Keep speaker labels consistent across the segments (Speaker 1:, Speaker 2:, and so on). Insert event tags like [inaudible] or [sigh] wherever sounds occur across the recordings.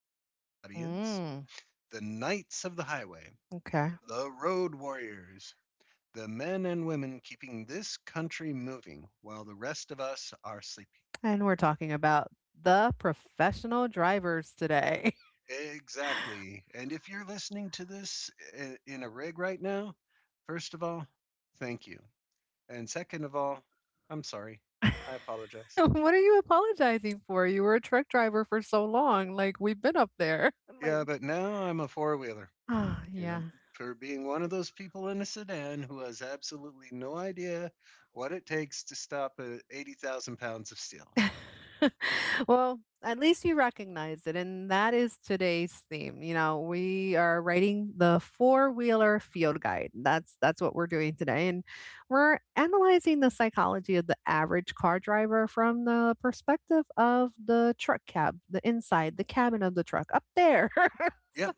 Speaker 1: specific audience,
Speaker 2: Mm,
Speaker 1: the Knights of the Highway,
Speaker 2: okay.
Speaker 1: the Road Warriors, the men and women keeping this country moving while the rest of us are sleeping.
Speaker 2: And we're talking about the professional drivers today.
Speaker 1: Exactly. And if you're listening to this in a rig right now, first of all, thank you. And second of all, I'm sorry. I
Speaker 2: [laughs]
Speaker 1: apologize.
Speaker 2: What are you apologizing for? You were a truck driver for so long. Like, we've been up there. [laughs]
Speaker 1: Yeah,
Speaker 2: Like,
Speaker 1: but now I'm a four wheeler,
Speaker 2: [sighs] ah,
Speaker 1: you
Speaker 2: yeah.
Speaker 1: know, for being one of those people in a sedan who has absolutely no idea what it takes to stop 80,000 pounds of steel.
Speaker 2: [laughs] Well, at least you recognize it. And that is today's theme. You know, we are writing the four wheeler field guide. That's what we're doing today. And we're analyzing the psychology of the average car driver from the perspective of the truck cab, the inside, the cabin of the truck up there. [laughs]
Speaker 1: Yep.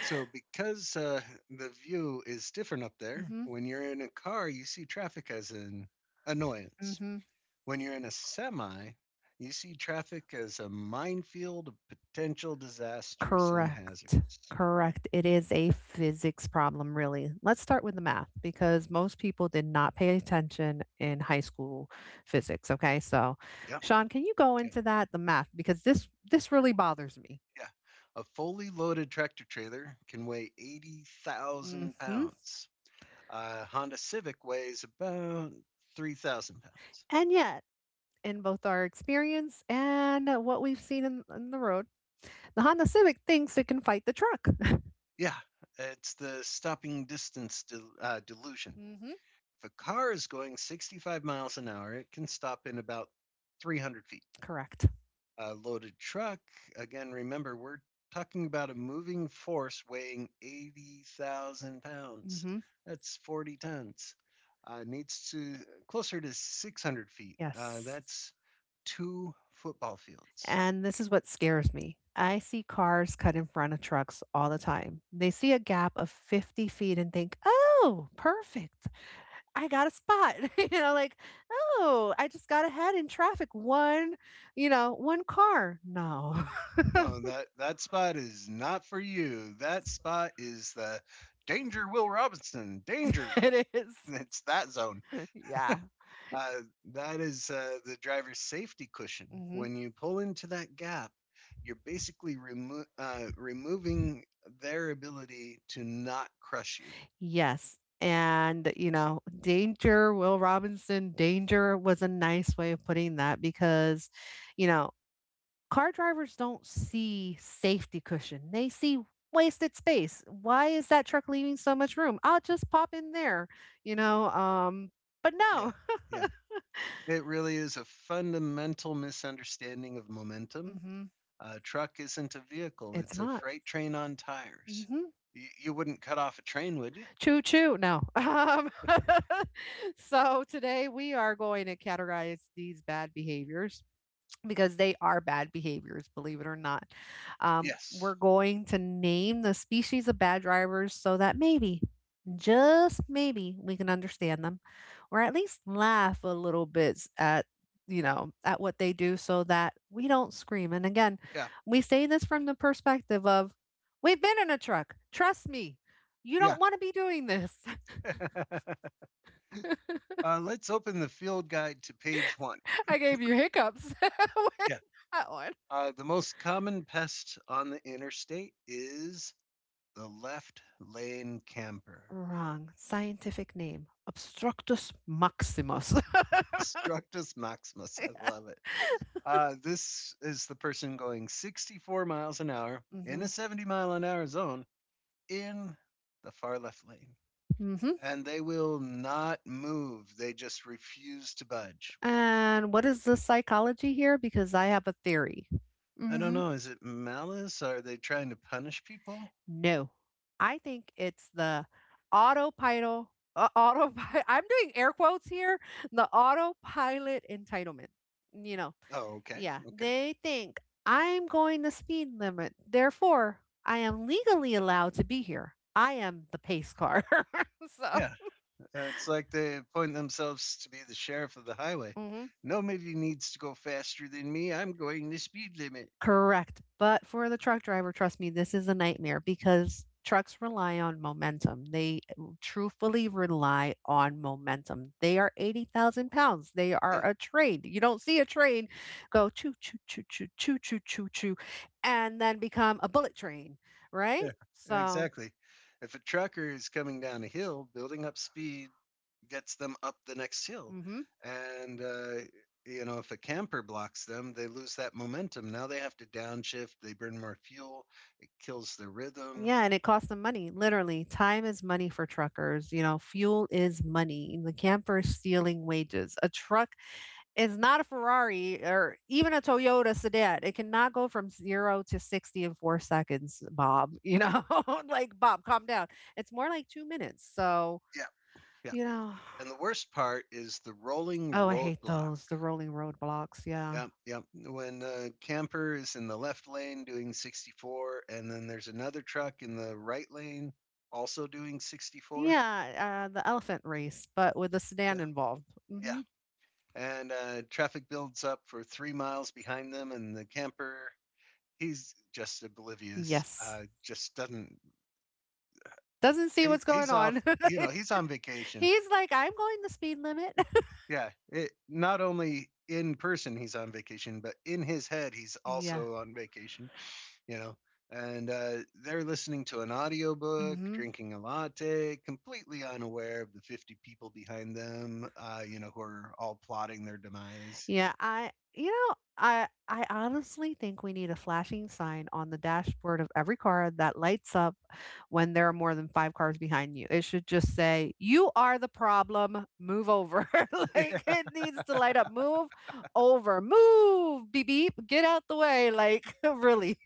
Speaker 1: So, because the view is different up there.
Speaker 2: hmm
Speaker 1: When you're in a car, you see traffic as an annoyance.
Speaker 2: hmm
Speaker 1: When you're in a semi, you see traffic as a minefield of potential disasters and
Speaker 2: Correct.
Speaker 1: hazards.
Speaker 2: Correct. It is a physics problem, really. Let's start with the math because most people did not pay attention in high school physics. Okay. So,
Speaker 1: Yep.
Speaker 2: Sean, can you go into that, the math? Because this really bothers me.
Speaker 1: Yeah. A fully loaded tractor trailer can weigh 80,000
Speaker 2: Hmm
Speaker 1: pounds. A Honda Civic weighs about 3,000 pounds.
Speaker 2: And yet, in both our experience and what we've seen in the road, the Honda Civic thinks it can fight the truck.
Speaker 1: Yeah, it's the stopping distance
Speaker 2: [laughs]
Speaker 1: delusion.
Speaker 2: hmm
Speaker 1: If a car is going 65 miles an hour, it can stop in about 300 feet.
Speaker 2: Correct.
Speaker 1: A loaded truck, again, remember, we're talking about a moving force weighing 80,000 pounds.
Speaker 2: Hmm
Speaker 1: That's 40 tons. Needs to closer to 600 feet.
Speaker 2: Yes.
Speaker 1: That's two football fields.
Speaker 2: And this is what scares me. I see cars cut in front of trucks all the time. They see a gap of 50 feet and think, oh, perfect. I got a spot. [laughs] You know, like, oh, I just got ahead in traffic. One, you know, one car. No,
Speaker 1: No, that spot is not for you. That spot is the danger. Will Robinson
Speaker 2: [laughs]
Speaker 1: danger.
Speaker 2: it is.
Speaker 1: It's that zone.
Speaker 2: [laughs] Yeah.
Speaker 1: Uh, that is the driver's safety cushion.
Speaker 2: hmm
Speaker 1: When you pull into that gap, you're basically removing their ability to not crush you.
Speaker 2: Yes. And, you know, danger, Will Robinson, danger was a nice way of putting that because, you know, car drivers don't see safety cushion. They see wasted space. Why is that truck leaving so much room? I'll just pop in there, you know. But
Speaker 1: Yeah.
Speaker 2: no,
Speaker 1: Yeah. It really is a fundamental misunderstanding of
Speaker 2: [laughs]
Speaker 1: momentum.
Speaker 2: hmm
Speaker 1: A truck isn't a vehicle,
Speaker 2: it's
Speaker 1: it's a
Speaker 2: not.
Speaker 1: freight train on tires.
Speaker 2: Hmm
Speaker 1: You wouldn't cut off a train, would you?
Speaker 2: Choo choo. No. [laughs] [laughs] So today we are going to categorize these bad behaviors because they are bad behaviors, believe it or not.
Speaker 1: Yes.
Speaker 2: We're going to name the species of bad drivers so that maybe, just maybe, we can understand them, or at least laugh a little bit s- at you know at what they do, so that we don't scream. And again,
Speaker 1: Yeah.
Speaker 2: we say this from the perspective of, we've been in a truck, trust me, you
Speaker 1: Yeah.
Speaker 2: don't want to be doing this.
Speaker 1: [laughs] Let's open the field guide to page one.
Speaker 2: [laughs] I gave you hiccups [laughs] with
Speaker 1: Yeah.
Speaker 2: that one.
Speaker 1: The most common pest on the interstate is the left lane camper.
Speaker 2: Wrong scientific name: obstructus maximus.
Speaker 1: [laughs] Structus maximus. I love it.
Speaker 2: [laughs]
Speaker 1: This is the person going 64 miles an hour in
Speaker 2: hmm
Speaker 1: a 70-mile an hour zone in the far left lane.
Speaker 2: hmm
Speaker 1: And they will not move. They just refuse to budge.
Speaker 2: And what is the psychology here? Because I have a theory.
Speaker 1: I don't
Speaker 2: Hmm
Speaker 1: know. Is it malice? Are they trying to punish people?
Speaker 2: No, I think it's the autopilot. Autopilot. [laughs] I'm doing air quotes here. The autopilot entitlement. You know,
Speaker 1: Oh, okay.
Speaker 2: yeah,
Speaker 1: Okay.
Speaker 2: they think I'm going the speed limit. Therefore, I am legally allowed to be here. I am the pace car. [laughs] So,
Speaker 1: Yeah. It's like they appoint themselves to be the sheriff of the highway.
Speaker 2: mhm.
Speaker 1: Nobody needs to go faster than me. I'm going the speed limit.
Speaker 2: Correct. But for the truck driver, trust me, this is a nightmare because trucks rely on momentum. They truthfully rely on momentum. They are 80,000 pounds. They
Speaker 1: Yeah,
Speaker 2: are a train. You don't see a train go choo, choo, choo, choo, choo, choo, choo, choo, and then become a bullet train,
Speaker 1: yeah,
Speaker 2: right? So,
Speaker 1: exactly. If a trucker is coming down a hill, building up speed gets them up the next hill.
Speaker 2: hmm
Speaker 1: And you know, if a camper blocks them, they lose that momentum. Now they have to downshift. They burn more fuel. It kills their rhythm.
Speaker 2: yeah, and it costs them money. Literally, time is money for truckers. You know, fuel is money. The camper is stealing wages. A truck It's not a Ferrari or even a Toyota sedan. It cannot go from 0 to 60 in 4 seconds, Bob, you know? [laughs] Like, "Bob, calm down." It's more like 2 minutes, so,
Speaker 1: Yeah, yeah.
Speaker 2: you know.
Speaker 1: And the
Speaker 2: [sighs]
Speaker 1: worst part is the rolling
Speaker 2: Oh, I hate
Speaker 1: roadblock.
Speaker 2: those, the rolling roadblocks, yeah.
Speaker 1: Yeah, yeah. When camper is in the left lane doing 64, and then there's another truck in the right lane also doing 64.
Speaker 2: Yeah, the elephant race, but with a sedan
Speaker 1: Yeah.
Speaker 2: involved.
Speaker 1: Yeah.
Speaker 2: Mhm.
Speaker 1: And traffic builds up for 3 miles behind them, and the camper, he's just oblivious.
Speaker 2: Yes.
Speaker 1: Just doesn't.
Speaker 2: Doesn't see
Speaker 1: He,
Speaker 2: what's going
Speaker 1: he's off.
Speaker 2: on.
Speaker 1: You know, he's on
Speaker 2: [laughs]
Speaker 1: vacation.
Speaker 2: He's like, "I'm going the speed limit." [laughs]
Speaker 1: Yeah. It not only in person he's on vacation, but in his head he's
Speaker 2: Yeah.
Speaker 1: also on vacation. You know, and they're listening to an audiobook
Speaker 2: Mhm.
Speaker 1: drinking a latte completely unaware of the 50 people behind them, you know, who are all plotting their demise.
Speaker 2: Yeah, I you know, I honestly think we need a flashing sign on the dashboard of every car that lights up when there are more than 5 cars behind you. It should just say, "You are the problem. Move over." [laughs]
Speaker 1: [laughs]
Speaker 2: Like,
Speaker 1: Yeah,
Speaker 2: it needs to light up. Move over. Move. Beep beep. Get out the way like [laughs] really.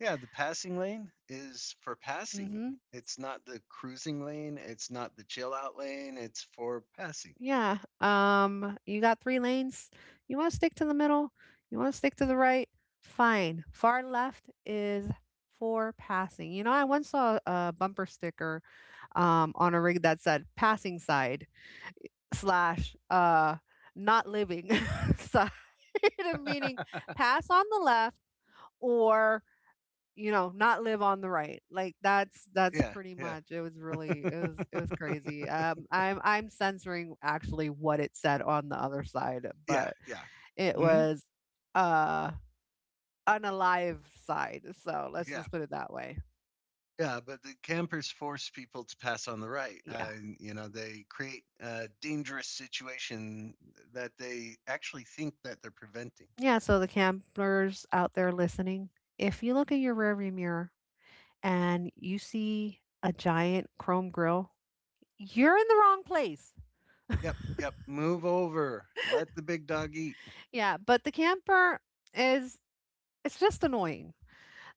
Speaker 1: yeah, the passing lane is for passing.
Speaker 2: Mhm.
Speaker 1: It's not the cruising lane, it's not the chill out lane, it's for passing.
Speaker 2: Yeah. You got three lanes. You want to stick to the middle? You want to stick to the right? Fine. Far left is for passing. You know, I once saw a bumper sticker on a rig that said passing side slash not living [laughs] side, [laughs] meaning pass on the left or, you know, not live on the right, like that's
Speaker 1: Yeah,
Speaker 2: pretty
Speaker 1: yeah.
Speaker 2: much It was really, it was
Speaker 1: [laughs]
Speaker 2: crazy. I'm censoring actually what it said on the other side,
Speaker 1: Yeah,
Speaker 2: but
Speaker 1: yeah.
Speaker 2: it
Speaker 1: Hmm.
Speaker 2: was uh an alive side, so let's
Speaker 1: Yeah.
Speaker 2: just put it that way.
Speaker 1: Yeah, but the campers force people to pass on the right.
Speaker 2: Yeah
Speaker 1: You know, they create a dangerous situation that they actually think that they're preventing.
Speaker 2: yeah So the campers out there listening, if you look in your rearview mirror and you see a giant chrome grill, you're in the wrong place.
Speaker 1: Yep,
Speaker 2: [laughs]
Speaker 1: yep. Move over. Let the big dog eat.
Speaker 2: Yeah, but the camper is it's just annoying.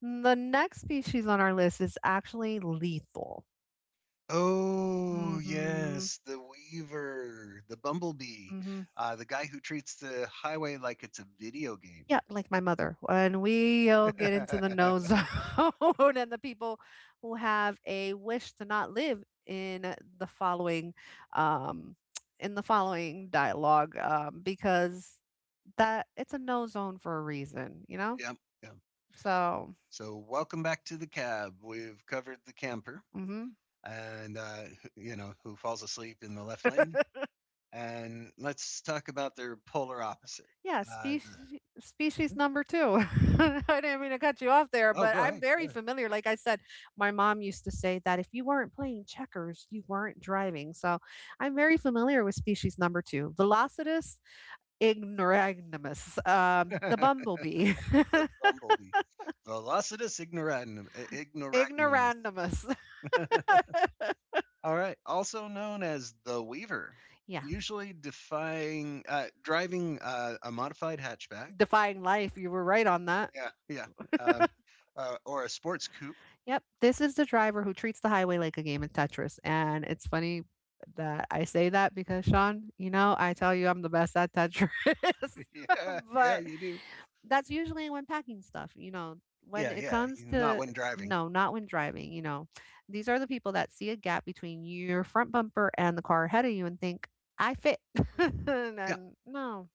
Speaker 2: Mm, the next species on our list is actually lethal.
Speaker 1: Oh,
Speaker 2: Mm Mhm.
Speaker 1: yes, the weaver, the bumblebee,
Speaker 2: mm Mhm.
Speaker 1: the guy who treats the highway like it's a video game.
Speaker 2: Yeah, like my mother. And we'll
Speaker 1: [laughs]
Speaker 2: get into the
Speaker 1: Yep,
Speaker 2: no [laughs] zone and the people who have a wish to not live in the following um in the following dialogue, because that it's a no zone for a reason, you know?
Speaker 1: yep.
Speaker 2: So,
Speaker 1: So, welcome back to the cab. We've covered the camper
Speaker 2: mhm.
Speaker 1: and you know, who falls asleep in the left lane, and let's talk about their polar opposite.
Speaker 2: Yeah,
Speaker 1: Uh,
Speaker 2: species
Speaker 1: the,
Speaker 2: species
Speaker 1: Mhm.
Speaker 2: number 2. [laughs] I didn't mean to cut you off there,
Speaker 1: Oh,
Speaker 2: but
Speaker 1: go
Speaker 2: I'm
Speaker 1: ahead. Go
Speaker 2: very
Speaker 1: ahead.
Speaker 2: familiar. Like I said, my mom used to say that if you weren't playing checkers, you weren't driving. So I'm very familiar with species number 2, Velocitus ignoramus,
Speaker 1: [laughs]
Speaker 2: the
Speaker 1: That's
Speaker 2: bumblebee. [laughs]
Speaker 1: bumblebee. Velocitus ignoratum, ignoramus.
Speaker 2: ignoramus.
Speaker 1: All right, also known as the Weaver,
Speaker 2: Yeah,
Speaker 1: usually defying driving a modified hatchback.
Speaker 2: defying life. You were right on that.
Speaker 1: Yeah, yeah. Um, or a sports coupe.
Speaker 2: Yep, this is the driver who treats the highway like a game of Tetris, and it's funny that I say that because Sean, you know, I tell you I'm the best at Tetris,
Speaker 1: [laughs] Yeah,
Speaker 2: [laughs]
Speaker 1: yeah,
Speaker 2: but
Speaker 1: you do.
Speaker 2: that's usually when packing stuff, you know, when
Speaker 1: Yeah,
Speaker 2: it
Speaker 1: yeah.
Speaker 2: comes
Speaker 1: Not
Speaker 2: to
Speaker 1: when driving.
Speaker 2: no, not when driving, you know. These are the people that see a gap between your front bumper and the car ahead of you and think, I fit. [laughs] And
Speaker 1: Yeah.
Speaker 2: then, no,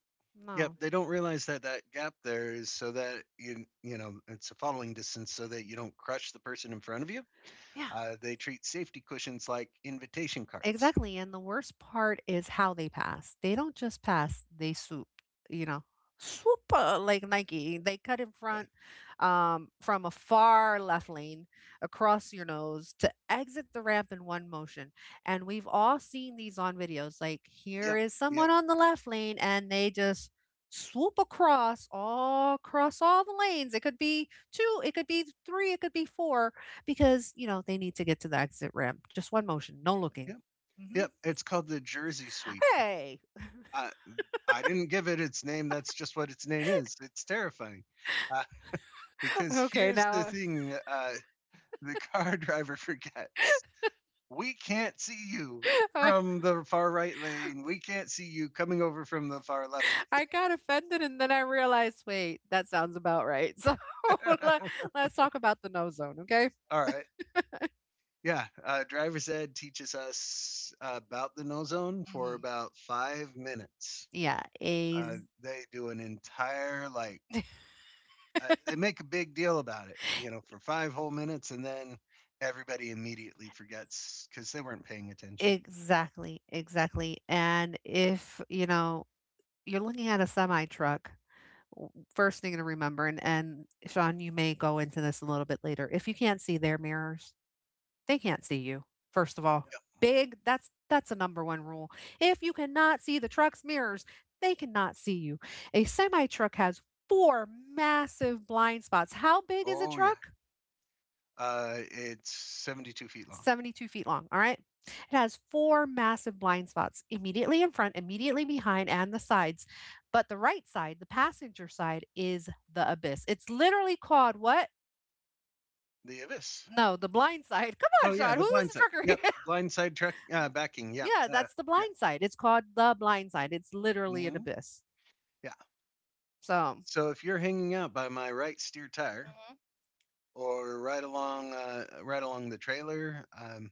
Speaker 1: Yep,
Speaker 2: no.
Speaker 1: they don't realize that that gap there is so that you know it's a following distance so that you don't crush the person in front of you.
Speaker 2: Yeah.
Speaker 1: They treat safety cushions like invitation cards.
Speaker 2: Exactly, and the worst part is how they pass. They don't just pass, they swoop, you know. Swoop like Nike. They cut in
Speaker 1: Yeah.
Speaker 2: front from a far left lane across your nose to exit the ramp in one motion. And we've all seen these on videos. Like, here
Speaker 1: Yep.
Speaker 2: is
Speaker 1: Yep.
Speaker 2: someone on the left lane, and they just swoop across all the lanes. It could be two, it could be three, it could be four, because you know they need to get to the exit ramp. Just one motion, no looking.
Speaker 1: Yep.
Speaker 2: Hmm
Speaker 1: Yep. It's called the Jersey sweep.
Speaker 2: Hey.
Speaker 1: Uh, I didn't give it its name. That's just what its name is. It's terrifying. Uh, because
Speaker 2: Okay,
Speaker 1: here's the
Speaker 2: now
Speaker 1: thing: uh, the car [laughs] driver forgets. We can't see you
Speaker 2: uh,
Speaker 1: from the far right lane. We can't see you coming over from the far left.
Speaker 2: [laughs] I got offended and then I realized, wait, that sounds about right. So [laughs] let,
Speaker 1: [laughs]
Speaker 2: let's talk about the no zone, okay?
Speaker 1: All right. Yeah. Driver's ed teaches us about the no zone for
Speaker 2: hmm
Speaker 1: about 5 minutes.
Speaker 2: Yeah. a
Speaker 1: They do an entire, like, They make a big deal about it, you know, for five whole minutes, and then everybody immediately forgets because they weren't paying attention.
Speaker 2: Exactly, exactly. And if, you know, you're looking at a semi truck, first thing to remember, and Sean, you may go into this a little bit later. If you can't see their mirrors, they can't see you. First of all, big that's a number one rule. If you cannot see the truck's mirrors, they cannot see you. A semi truck has four massive blind spots. How big is a
Speaker 1: Oh, yeah.
Speaker 2: truck?
Speaker 1: It's 72 feet long.
Speaker 2: 72 feet long. All right. It has four massive blind spots immediately in front, immediately behind, and the sides. But the right side, the passenger side, is the abyss. It's literally called what?
Speaker 1: The abyss.
Speaker 2: No, the blind side. [laughs] Come on,
Speaker 1: Oh, yeah.
Speaker 2: Sean. Who
Speaker 1: The
Speaker 2: was
Speaker 1: blind
Speaker 2: the
Speaker 1: side. Yep.
Speaker 2: trucker?
Speaker 1: Blind side truck backing. Yep.
Speaker 2: Yeah, that's the blind side. It's called the blind side. It's literally
Speaker 1: Yeah.
Speaker 2: an
Speaker 1: Hmm.
Speaker 2: abyss.
Speaker 1: Yeah.
Speaker 2: So,
Speaker 1: So if you're hanging out by my right steer tire,
Speaker 2: mhm.
Speaker 1: or right along the trailer.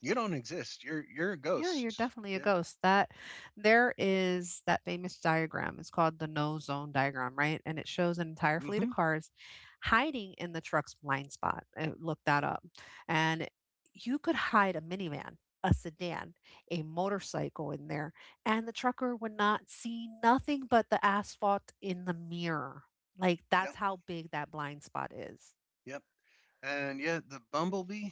Speaker 1: You don't exist. You're a
Speaker 2: Yeah, you're
Speaker 1: ghost.
Speaker 2: definitely a
Speaker 1: Yeah.
Speaker 2: ghost. That There is that famous diagram. It's called the no zone diagram, right? And it shows an entire fleet of
Speaker 1: Mm-hmm.
Speaker 2: cars hiding in the truck's blind spot. Look that up. And you could hide a minivan, a sedan, a motorcycle in there, and the trucker would not see nothing but the asphalt in the mirror. Like, that's
Speaker 1: Yep.
Speaker 2: how big that blind spot is.
Speaker 1: Yep. And yeah, the bumblebee,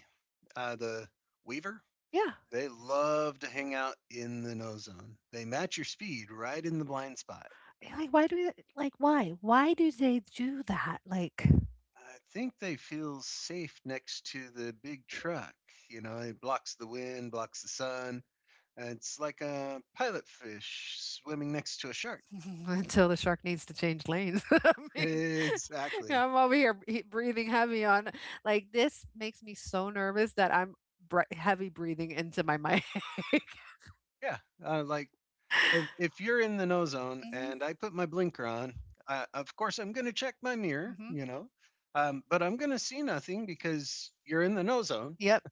Speaker 1: the weaver,
Speaker 2: Yeah.
Speaker 1: they love to hang out in the no zone. They match your speed right in the blind spot.
Speaker 2: Yeah, like, why? Why do they do that? Like
Speaker 1: I think they feel safe next to the big truck. You know, it blocks the wind, blocks the sun. And it's like a pilot fish swimming next to a shark.
Speaker 2: [laughs] until the shark needs to change lanes. [laughs] I mean,
Speaker 1: [laughs]
Speaker 2: [laughs]
Speaker 1: Exactly.
Speaker 2: I'm over here breathing heavy on. Like, this makes me so nervous that I'm heavy breathing into my mic.
Speaker 1: Yeah, like if you're in the no zone
Speaker 2: Hmm
Speaker 1: and I put my blinker on, of course I'm going to check my mirror,
Speaker 2: hmm
Speaker 1: you
Speaker 2: [laughs]
Speaker 1: know, but I'm going to see nothing because you're in the no zone
Speaker 2: Yep.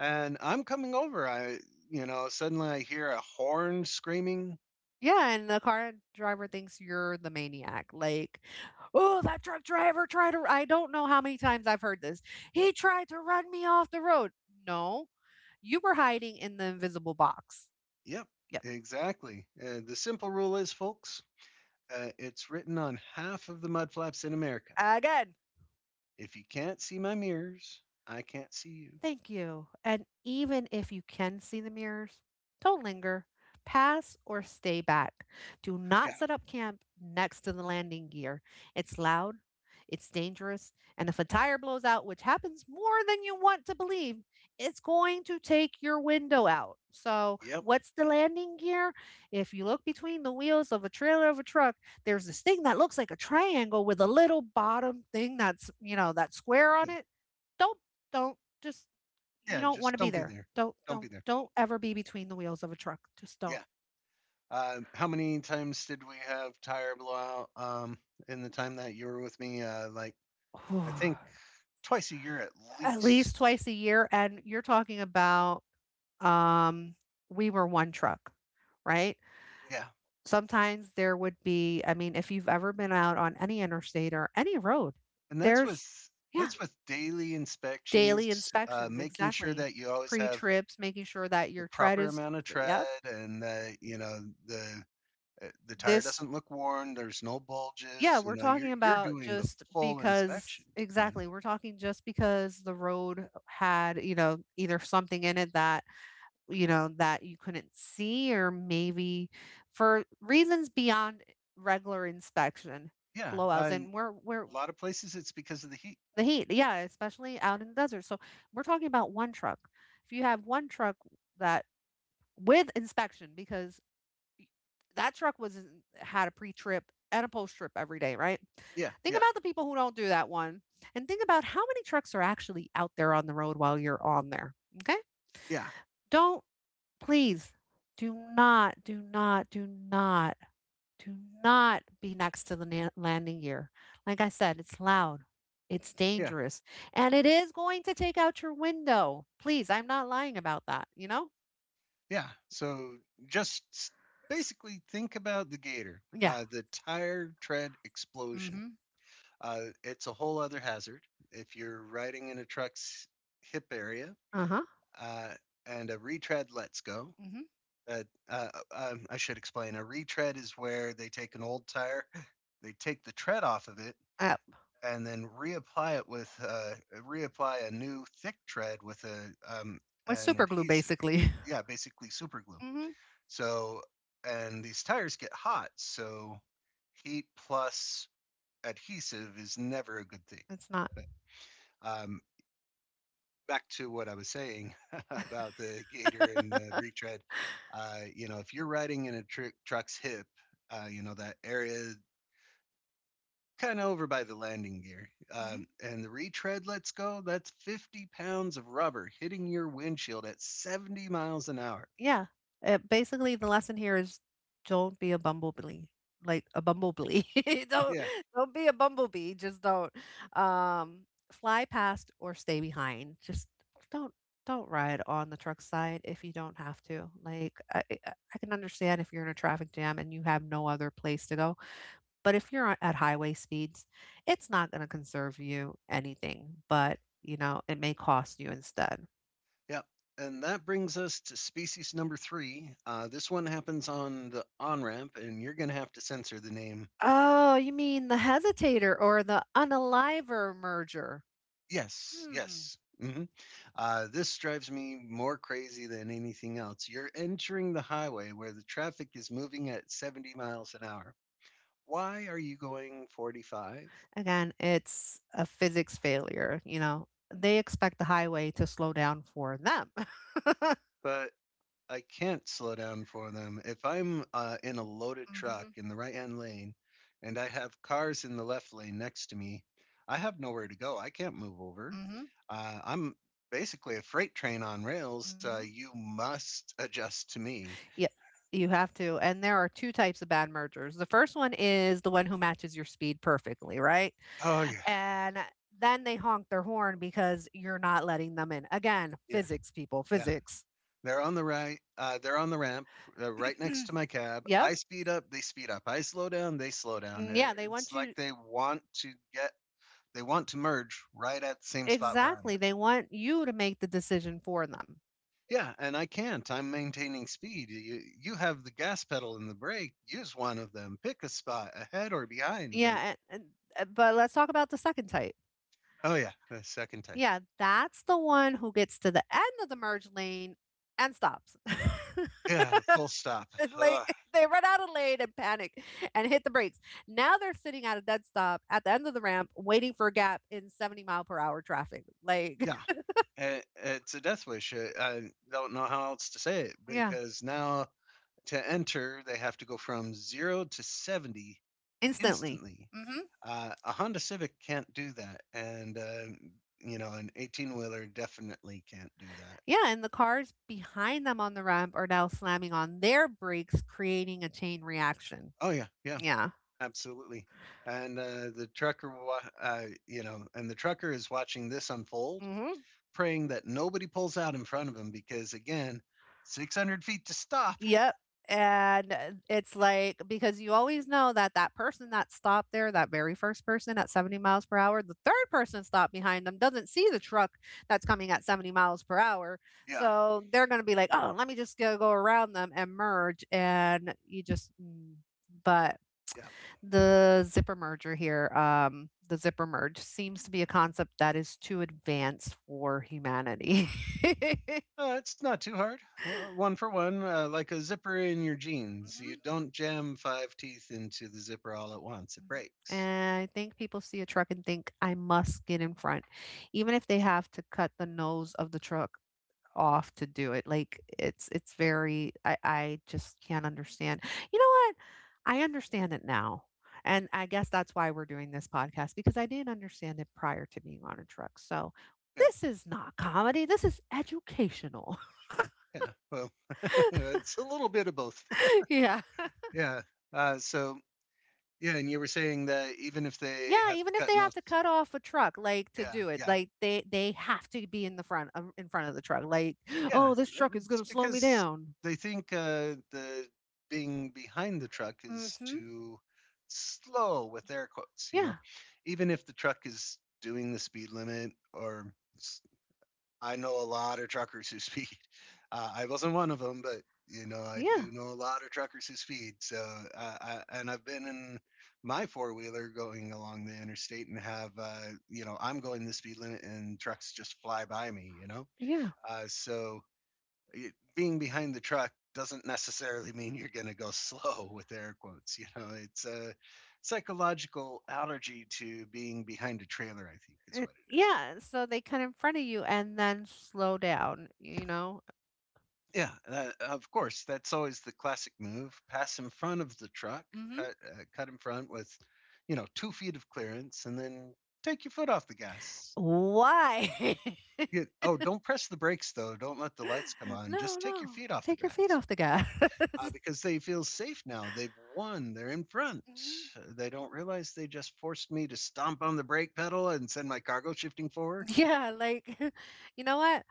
Speaker 1: and I'm coming over. You know, suddenly I hear a horn screaming.
Speaker 2: Yeah, and the car driver thinks you're the maniac. Like, oh, that truck driver tried to. I don't know how many times I've heard this. He tried to run me off the road. No, you were hiding in the invisible box.
Speaker 1: Yep, exactly. The simple rule is, folks, it's written on half of the mud flaps in America.
Speaker 2: Again.
Speaker 1: If you can't see my mirrors, I can't see you.
Speaker 2: Thank you. And even if you can see the mirrors, don't linger. Pass or stay back. Do
Speaker 1: Yeah.
Speaker 2: not set up camp next to the landing gear. It's loud, it's dangerous, and if a tire blows out, which happens more than you want to believe, it's going to take your window out. So,
Speaker 1: Yep.
Speaker 2: what's the landing gear? If you look between the wheels of a trailer of a truck, there's this thing that looks like a triangle with a little bottom thing that's, you know, that square
Speaker 1: Yeah.
Speaker 2: on it. Don't, don't, just you
Speaker 1: Yeah,
Speaker 2: don't want
Speaker 1: just
Speaker 2: to be
Speaker 1: don't be
Speaker 2: there.
Speaker 1: there.
Speaker 2: Don't
Speaker 1: Don't be
Speaker 2: don't
Speaker 1: there.
Speaker 2: don't ever be between the wheels of a truck. Just don't.
Speaker 1: Yeah. How many times did we have tire blowout, in the time that you were with me? I think
Speaker 2: [sighs]
Speaker 1: twice a year at
Speaker 2: At
Speaker 1: least.
Speaker 2: least twice a year and you're talking about um we were one truck, right?
Speaker 1: Yeah,
Speaker 2: Sometimes there would be I mean if you've ever been out on any interstate or any road,
Speaker 1: and that's with
Speaker 2: there's yeah,
Speaker 1: that's with daily
Speaker 2: daily
Speaker 1: inspections,
Speaker 2: inspections
Speaker 1: making sure
Speaker 2: exactly.
Speaker 1: that you always have
Speaker 2: Pre-trips, making sure that
Speaker 1: the
Speaker 2: your tread
Speaker 1: proper
Speaker 2: is
Speaker 1: amount of tread
Speaker 2: yep.
Speaker 1: and that you know the the tire
Speaker 2: This
Speaker 1: doesn't look worn. There's no
Speaker 2: Yeah,
Speaker 1: bulges. You
Speaker 2: we're
Speaker 1: know, you're
Speaker 2: talking
Speaker 1: you're
Speaker 2: about
Speaker 1: doing the
Speaker 2: just
Speaker 1: full
Speaker 2: because
Speaker 1: inspection. You know,
Speaker 2: exactly, we're talking just because the road had, you know, either something in it that, you know, that you couldn't see or maybe for reasons beyond regular inspection,
Speaker 1: yeah. I,
Speaker 2: blowouts and
Speaker 1: a
Speaker 2: we're
Speaker 1: lot of places it's because of the heat.
Speaker 2: the heat, yeah, especially out in the desert. So we're talking about one truck. If you have one truck that with inspection, because that truck was had a pre-trip and a post-trip every day, right?
Speaker 1: Yeah,
Speaker 2: Think
Speaker 1: yeah,
Speaker 2: about the people who don't do that one and think about how many trucks are actually out there on the road while you're on there. Okay?
Speaker 1: yeah,
Speaker 2: Don't please do not do not do not do not be next to the landing gear. Like I said, it's loud. It's
Speaker 1: yeah.
Speaker 2: dangerous and it is going to take out your window. Please, I'm not lying about that, you know?
Speaker 1: Yeah. So just s- basically think about the gator,
Speaker 2: Yeah.
Speaker 1: the tire tread explosion.
Speaker 2: Mhm.
Speaker 1: It's a whole other hazard. If you're riding in a truck's hip area,
Speaker 2: Uh-huh.
Speaker 1: uh, and a retread lets go,
Speaker 2: Mhm.
Speaker 1: uh, uh, I should explain. A retread is where they take an old tire, [laughs] they take the tread off of it,
Speaker 2: Uh,
Speaker 1: and then reapply it with reapply a new thick tread with a
Speaker 2: with
Speaker 1: an
Speaker 2: super glue
Speaker 1: adhesive.
Speaker 2: basically. [laughs]
Speaker 1: Yeah, basically super glue.
Speaker 2: Mhm.
Speaker 1: So, and these tires get hot, so heat plus adhesive is never a good thing.
Speaker 2: It's not.
Speaker 1: Um, Back to what I was saying [laughs] about the gator and the retread. You know, if you're riding in a truck's hip, you know that area kind of over by the landing gear,
Speaker 2: Mhm.
Speaker 1: and the retread lets go. That's 50 pounds of rubber hitting your windshield at 70 miles an hour.
Speaker 2: Yeah. Basically, the lesson here is don't be a bumblebee. Like a bumblebee. [laughs] don't
Speaker 1: [laughs] Yeah.
Speaker 2: don't be a bumblebee. Just don't fly past or stay behind. Just don't don't ride on the truck side if you don't have to. Like I can understand if you're in a traffic jam and you have no other place to go. But if you're at highway speeds, it's not going to conserve you anything. But you know, it may cost you instead.
Speaker 1: Yeah, and that brings us to species number three. This one happens on the on ramp, and you're going to have to censor the name.
Speaker 2: Oh, you mean the hesitator or the unaliver merger?
Speaker 1: Yes,
Speaker 2: Hmm.
Speaker 1: yes. Hmm. This drives me more crazy than anything else. You're entering the highway where the traffic is moving at 70 miles an hour. Why are you going 45?
Speaker 2: Again, it's a physics failure, you know. They expect the highway to slow down for them. [laughs]
Speaker 1: But I can't slow down for them. If I'm in a loaded
Speaker 2: Mm-hmm.
Speaker 1: truck in the right hand lane and I have cars in the left lane next to me, I have nowhere to go. I can't move over.
Speaker 2: Mm-hmm.
Speaker 1: I'm basically a freight train on rails.
Speaker 2: Mm-hmm.
Speaker 1: You must adjust to me.
Speaker 2: Yeah, you have to. And there are two types of bad mergers. The first one is the one who matches your speed perfectly, right?
Speaker 1: Oh, yeah.
Speaker 2: And then they honk their horn because you're not letting them in. Again,
Speaker 1: Yeah.
Speaker 2: physics people,
Speaker 1: Yeah.
Speaker 2: physics. [clears throat]
Speaker 1: They're on the right. They're on the ramp right next to my cab.
Speaker 2: Yeah.
Speaker 1: I speed up. They speed up. I slow down. They slow down.
Speaker 2: Mm, yeah, they
Speaker 1: It's
Speaker 2: want
Speaker 1: like
Speaker 2: you
Speaker 1: they want to get, they want to merge right at the same spot where I'm
Speaker 2: exactly,
Speaker 1: at.
Speaker 2: they want you to make the decision for them.
Speaker 1: Yeah, and I can't. I'm maintaining speed. You have the gas pedal and the brake. Use one of them. Pick a spot, ahead or behind.
Speaker 2: Yeah,
Speaker 1: But
Speaker 2: and but let's talk about the second type.
Speaker 1: oh yeah, the second time.
Speaker 2: Yeah, that's the one who gets to the end of the merge lane and stops. [laughs]
Speaker 1: Yeah, the full stop.
Speaker 2: And,
Speaker 1: Ugh.
Speaker 2: like [laughs] they run out of lane and panic and hit the brakes. Now they're sitting at a dead stop at the end of the ramp waiting for a gap in 70 mile per hour traffic. Like,
Speaker 1: Yeah, it's a death wish. I don't know how else to say it
Speaker 2: [laughs] yeah,
Speaker 1: because now to enter, they have to go from 0 to 70
Speaker 2: instantly.
Speaker 1: instantly.
Speaker 2: Mm-hmm.
Speaker 1: A Honda Civic can't do that, and you know, an 18 wheeler definitely can't do that.
Speaker 2: Yeah, and the cars behind them on the ramp are now slamming on their brakes, creating a chain reaction.
Speaker 1: Oh yeah, yeah.
Speaker 2: Yeah.
Speaker 1: Absolutely. And the trucker, you know, and the trucker is watching this unfold,
Speaker 2: Hmm.
Speaker 1: praying that nobody pulls out in front of him because, again, 600 feet to stop. [laughs]
Speaker 2: Yep. And it's like because you always know that that person that stopped there, that very first person at 70 miles per hour, the third person stopped behind them doesn't see the truck that's coming at 70 miles per hour.
Speaker 1: Yeah.
Speaker 2: So they're going to be like, oh, let me just go, go around them and merge. And you just, mm. But
Speaker 1: Yeah.
Speaker 2: the zipper merger here, the zipper merge seems to be a concept that is too advanced for humanity. [laughs]
Speaker 1: It's not too hard. One for one, like a zipper in your jeans. You
Speaker 2: Mhm.
Speaker 1: don't jam five teeth into the zipper all at once, it breaks.
Speaker 2: And I think people see a truck and think, I must get in front, even if they have to cut the nose of the truck off to do it. Like it's very I just can't understand. You know what? I understand it now. And I guess that's why we're doing this podcast because I didn't understand it prior to being on a truck. So
Speaker 1: Yeah.
Speaker 2: this is not comedy. This is educational.
Speaker 1: Yeah. Well, [laughs] it's a little bit of both.
Speaker 2: [laughs] Yeah.
Speaker 1: [laughs] Yeah. Uh, so, yeah. And you were saying that even if they
Speaker 2: Yeah,
Speaker 1: have to
Speaker 2: even if
Speaker 1: cut
Speaker 2: they
Speaker 1: nose.
Speaker 2: have to cut off a truck like to
Speaker 1: Yeah.
Speaker 2: do it,
Speaker 1: Yeah.
Speaker 2: like they have to be in the front in front of the truck like,
Speaker 1: Yeah,
Speaker 2: "Oh, this truck is going
Speaker 1: it's
Speaker 2: to slow me
Speaker 1: because
Speaker 2: down."
Speaker 1: they think the being behind the truck is
Speaker 2: Mhm.
Speaker 1: too slow with air quotes. You
Speaker 2: Yeah.
Speaker 1: know, even if the truck is doing the speed limit, or s- I know a lot of truckers who speed. [laughs] I wasn't one of them, but you know, I
Speaker 2: Yeah.
Speaker 1: do know a lot of truckers who speed. So, and I've been in my four wheeler going along the interstate and have, you know, I'm going the speed limit and trucks just fly by me. You know,
Speaker 2: Yeah.
Speaker 1: so being behind the truck doesn't necessarily mean you're going to go [laughs] slow with air quotes, you know. It's a psychological allergy to being behind a trailer, I think is what it is.
Speaker 2: Yeah, so they cut in front of you and then slow down, you know?
Speaker 1: Yeah, of course that's always the classic move. Pass in front of the truck,
Speaker 2: Mhm.
Speaker 1: cut in front with, you know, 2 feet of clearance and then take your foot off the gas.
Speaker 2: Why? [laughs]
Speaker 1: Oh, don't press the brakes though, don't let the lights come
Speaker 2: [laughs]
Speaker 1: on,
Speaker 2: No,
Speaker 1: just take your
Speaker 2: no.
Speaker 1: feet off the
Speaker 2: Take your feet
Speaker 1: grass.
Speaker 2: off the gas.
Speaker 1: uh,
Speaker 2: [laughs]
Speaker 1: because they feel safe now. They've won. They're in front.
Speaker 2: Mhm.
Speaker 1: They don't realize they just forced me to stomp on the brake pedal and send my cargo shifting forward.
Speaker 2: Yeah, like [laughs] you know what?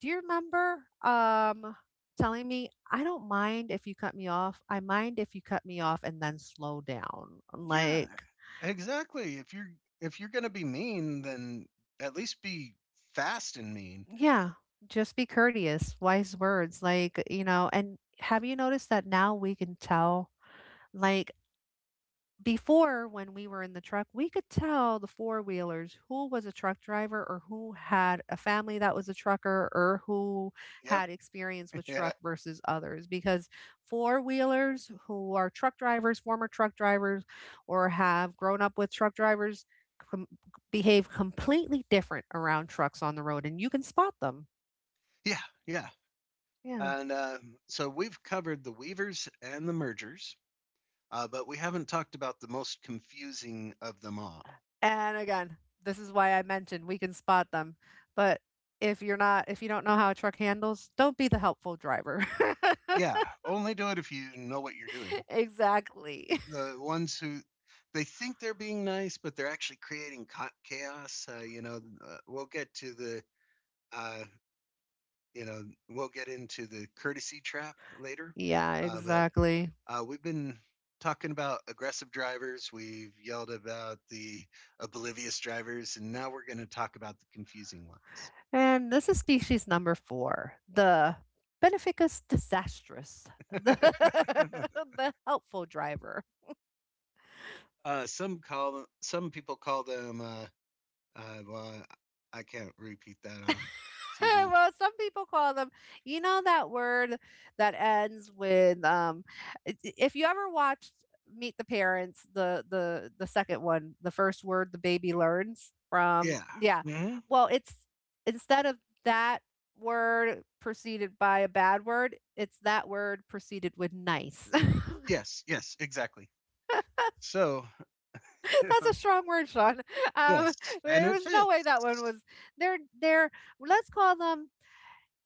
Speaker 2: Do you remember telling me I don't mind if you cut me off. I mind if you cut me off and then slow down.
Speaker 1: Yeah,
Speaker 2: Like,
Speaker 1: exactly. If you're gonna be mean, then at least be fast and mean.
Speaker 2: yeah, just be courteous, wise words, like, you know, and have you noticed that now we can tell like before when we were in the truck, we could tell the four wheelers who was a truck driver or who had a family that was a trucker or who
Speaker 1: Yep.
Speaker 2: had experience
Speaker 1: [laughs]
Speaker 2: with
Speaker 1: Yeah.
Speaker 2: truck versus others. Because four wheelers who are truck drivers, former truck drivers, or have grown up with truck drivers com- behave completely different around trucks on the road, and you can spot them.
Speaker 1: Yeah. Yeah.
Speaker 2: Yeah.
Speaker 1: And so we've covered the weavers and the mergers, but we haven't talked about the most confusing of them all.
Speaker 2: And again, this is why I mentioned we can spot them. But if you're not, if you don't know how a truck handles, don't be the helpful driver.
Speaker 1: Yeah, only do it if you know what you're doing.
Speaker 2: [laughs] Exactly.
Speaker 1: The ones who they think they're being nice, but they're actually creating chaos. We'll get to the uh, you know we'll get into the courtesy trap later,
Speaker 2: Yeah,
Speaker 1: but
Speaker 2: exactly.
Speaker 1: we've been talking about aggressive drivers. We've yelled about the oblivious drivers, and now we're going to talk about the confusing ones.
Speaker 2: And this is species number four, the beneficus disastrous, [laughs] the, [laughs] the helpful driver.
Speaker 1: Some call them, some people call them. Well, I can't repeat that on
Speaker 2: [laughs]
Speaker 1: TV.
Speaker 2: Well, some people call them, you know, that word that ends with if you ever watched Meet the Parents, the second one, the first word the baby learns yeah. from,
Speaker 1: Yeah.
Speaker 2: yeah.
Speaker 1: Hmm.
Speaker 2: Well, it's instead of that word preceded by a bad word, it's that word preceded with nice. [laughs]
Speaker 1: Yes. Yes. Exactly. So,
Speaker 2: That's
Speaker 1: [laughs]
Speaker 2: a strong word, Sean. Um,
Speaker 1: yes, and
Speaker 2: there
Speaker 1: it
Speaker 2: was no way
Speaker 1: fits.
Speaker 2: that one was. They're let's call them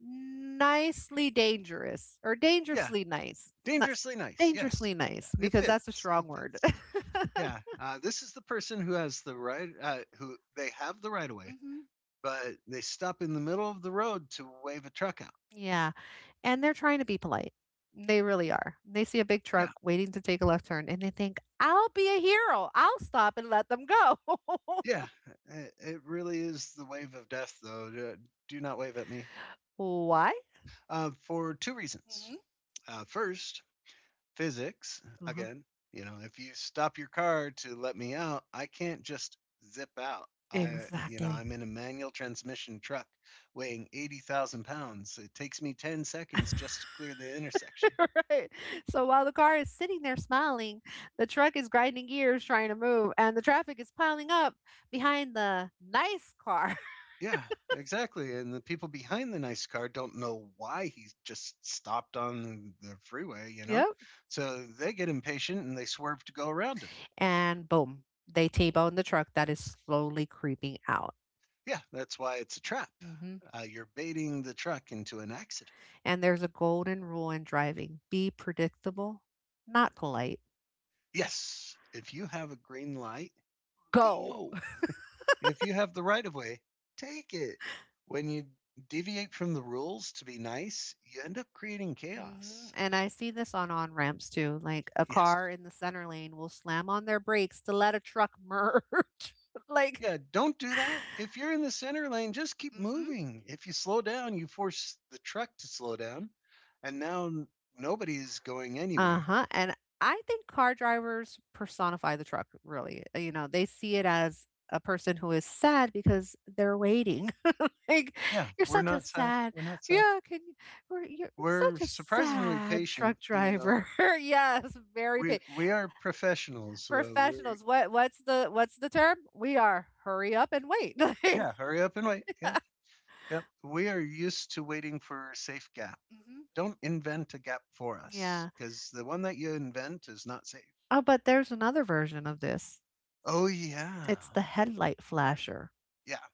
Speaker 2: nicely dangerous or
Speaker 1: Yeah,
Speaker 2: dangerously nice. Not
Speaker 1: dangerously nice. Yes,
Speaker 2: dangerously
Speaker 1: yeah,
Speaker 2: nice
Speaker 1: it
Speaker 2: because that's a
Speaker 1: fits.
Speaker 2: strong
Speaker 1: It
Speaker 2: word.
Speaker 1: fits.
Speaker 2: [laughs]
Speaker 1: Yeah, this is the person who has the right, who they have the right of way,
Speaker 2: Hmm.
Speaker 1: but they stop in the middle of the road to wave a truck out.
Speaker 2: Yeah. And they're trying to be polite. They really are. They see a big truck
Speaker 1: Yeah,
Speaker 2: waiting to take a left turn and they think, I'll be a hero. I'll stop and let them go. [laughs]
Speaker 1: yeah, it really is the wave of death, though. Do not wave at me.
Speaker 2: Why?
Speaker 1: For two reasons.
Speaker 2: Hmm.
Speaker 1: First, physics
Speaker 2: Uh-huh.
Speaker 1: again. You know, if you stop your car to let me out, I can't just zip out. I You know,
Speaker 2: Exactly.
Speaker 1: I'm in a manual transmission truck weighing 80,000 pounds. It takes me 10 seconds just to clear the intersection.
Speaker 2: [laughs] Right. So while the car is sitting there smiling, the truck is grinding gears trying to move, and the traffic is piling up behind the nice car.
Speaker 1: Yeah, exactly, and the people behind the nice car don't know why he just stopped on the freeway, you know.
Speaker 2: Yep.
Speaker 1: So they get impatient and they swerve to go around him.
Speaker 2: And boom, they T-bone the truck that is slowly creeping out.
Speaker 1: Yeah, that's why it's a trap.
Speaker 2: Hmm.
Speaker 1: You're baiting the truck into an accident.
Speaker 2: And there's a golden rule in driving be predictable, not polite.
Speaker 1: Yes. If you have a green light,
Speaker 2: Go.
Speaker 1: go. If you have the right of way, take it. When you deviate from the rules to be nice, you end up creating
Speaker 2: Hmm.
Speaker 1: chaos.
Speaker 2: And I see this on ramps too. Like a
Speaker 1: Yes.
Speaker 2: car in the center lane will slam on their brakes to let a truck merge. [laughs] like,
Speaker 1: Yeah, don't do that. If you're in the center lane, just keep
Speaker 2: hmm
Speaker 1: moving. If you slow down, you force the truck to slow down, and now nobody's going
Speaker 2: uh
Speaker 1: anywhere.
Speaker 2: huh. And I think car drivers personify the truck, really. You know, they see it as a person who is sad because they're waiting. [laughs] Like
Speaker 1: Yeah,
Speaker 2: you're
Speaker 1: we're
Speaker 2: such a
Speaker 1: not sad.
Speaker 2: sad
Speaker 1: We're not sad.
Speaker 2: yeah can you we you're
Speaker 1: We're
Speaker 2: such a
Speaker 1: surprisingly
Speaker 2: sad
Speaker 1: patient.
Speaker 2: truck
Speaker 1: You know,
Speaker 2: driver. [laughs] Yes, very pain
Speaker 1: we are professionals. So we're
Speaker 2: professionals what's the what's the term we are hurry up and wait. [laughs]
Speaker 1: yeah. Hurry up and wait. Yep. Yep. We are used to waiting for a safe gap.
Speaker 2: Mhm.
Speaker 1: Don't invent a gap for us
Speaker 2: Yeah,
Speaker 1: because the one that you invent is not safe.
Speaker 2: oh but there's another version of this,
Speaker 1: Oh, yeah.
Speaker 2: it's the headlight flasher.
Speaker 1: Yeah.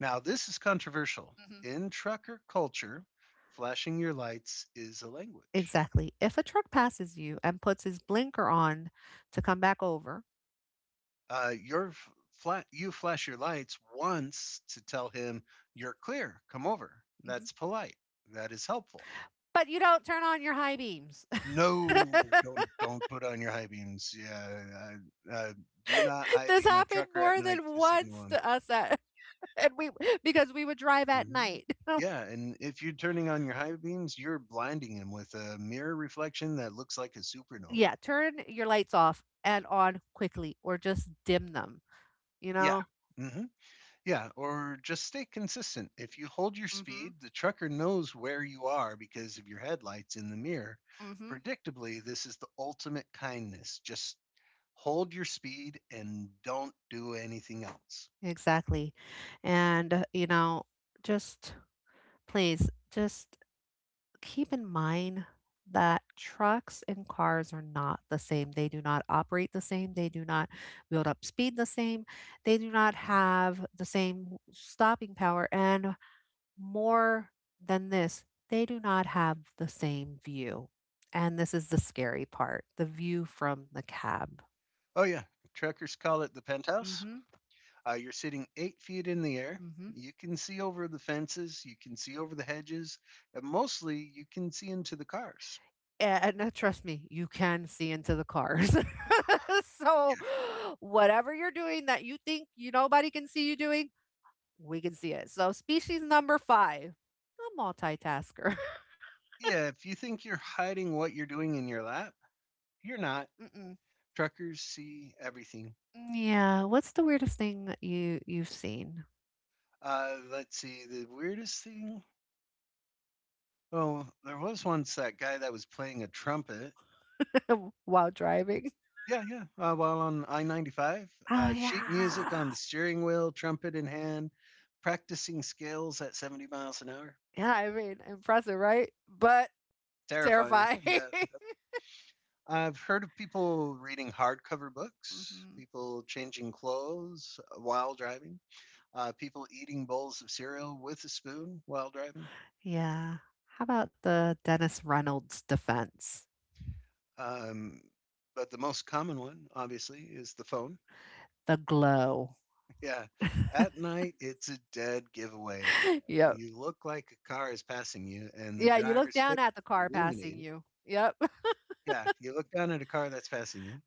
Speaker 1: Now, this is controversial.
Speaker 2: Mhm.
Speaker 1: In trucker culture, flashing your lights is a language.
Speaker 2: Exactly, if a truck passes you and puts his blinker on to come back over.
Speaker 1: Uh, your f- you flash your lights once to tell him you're clear, come over.
Speaker 2: Mhm.
Speaker 1: That's polite. That is helpful.
Speaker 2: But you don't turn on your high beams. [laughs]
Speaker 1: No, don't put on your high beams. Yeah, I do not high
Speaker 2: This
Speaker 1: beam a
Speaker 2: happened
Speaker 1: trucker at
Speaker 2: more
Speaker 1: night
Speaker 2: than
Speaker 1: to signal
Speaker 2: once
Speaker 1: him.
Speaker 2: to us at [laughs] and we because we would drive at
Speaker 1: Hmm
Speaker 2: night. [laughs]
Speaker 1: Yeah, and if you're turning on your high beams, you're blinding him with a mirror reflection that looks like a supernova.
Speaker 2: Yeah, turn your lights off and on quickly or just dim them, you
Speaker 1: Yeah.
Speaker 2: know?
Speaker 1: hmm Yeah, or just stay consistent. If you hold your
Speaker 2: Mhm.
Speaker 1: speed, the trucker knows where you are because of your headlights in the mirror.
Speaker 2: Mhm.
Speaker 1: Predictably, this is the ultimate kindness. Just hold your speed and don't do anything else.
Speaker 2: Exactly. And, you know, just please, just keep in mind that trucks and cars are not the same. They do not operate the same. They do not build up speed the same. They do not
Speaker 1: Yeah.
Speaker 2: have the same stopping power. And more than this, they do not have the same view. And this is the scary part, the view from the cab.
Speaker 1: Oh, yeah. Truckers call it the
Speaker 2: Mm
Speaker 1: penthouse.
Speaker 2: Mhm.
Speaker 1: You're sitting 8 feet in the air.
Speaker 2: mm Mhm.
Speaker 1: You can see over the fences, you can see over the hedges, and mostly you can see into the cars.
Speaker 2: And trust me, you can see into the cars. [laughs] So whatever you're doing that you think you nobody can see you doing, we can see it. So species number 5, a multitasker. [laughs]
Speaker 1: Yeah. Yeah, if you think you're hiding what you're doing in your lap, you're not.
Speaker 2: Mm-mm.
Speaker 1: Truckers see everything.
Speaker 2: Yeah, what's the weirdest thing you've seen
Speaker 1: Let's see, the weirdest thing. Oh, there was once that guy that was playing a trumpet.
Speaker 2: [laughs] while driving?
Speaker 1: Yeah, yeah. While on I-95,
Speaker 2: Oh
Speaker 1: sheet music
Speaker 2: yeah.
Speaker 1: on the steering wheel, trumpet in hand, practicing scales at 70 miles an hour.
Speaker 2: Yeah, I mean, impressive, right? But
Speaker 1: Terrifying.
Speaker 2: terrifying.
Speaker 1: Yeah.
Speaker 2: [laughs]
Speaker 1: I've heard of people reading hardcover books,
Speaker 2: Hmm.
Speaker 1: people changing clothes while driving, people eating bowls of cereal with a spoon while driving.
Speaker 2: Yeah. How about the Dennis Reynolds defense?
Speaker 1: Um, but the most common one, obviously, is the phone.
Speaker 2: The glow.
Speaker 1: Yeah. At night, it's a dead giveaway.
Speaker 2: Yep.
Speaker 1: You look like a car is passing you, and the
Speaker 2: Yeah, you look
Speaker 1: driver's face
Speaker 2: down at the car
Speaker 1: is
Speaker 2: passing
Speaker 1: illuminated.
Speaker 2: you. Yep. [laughs]
Speaker 1: Yeah, you look down at a car that's passing you,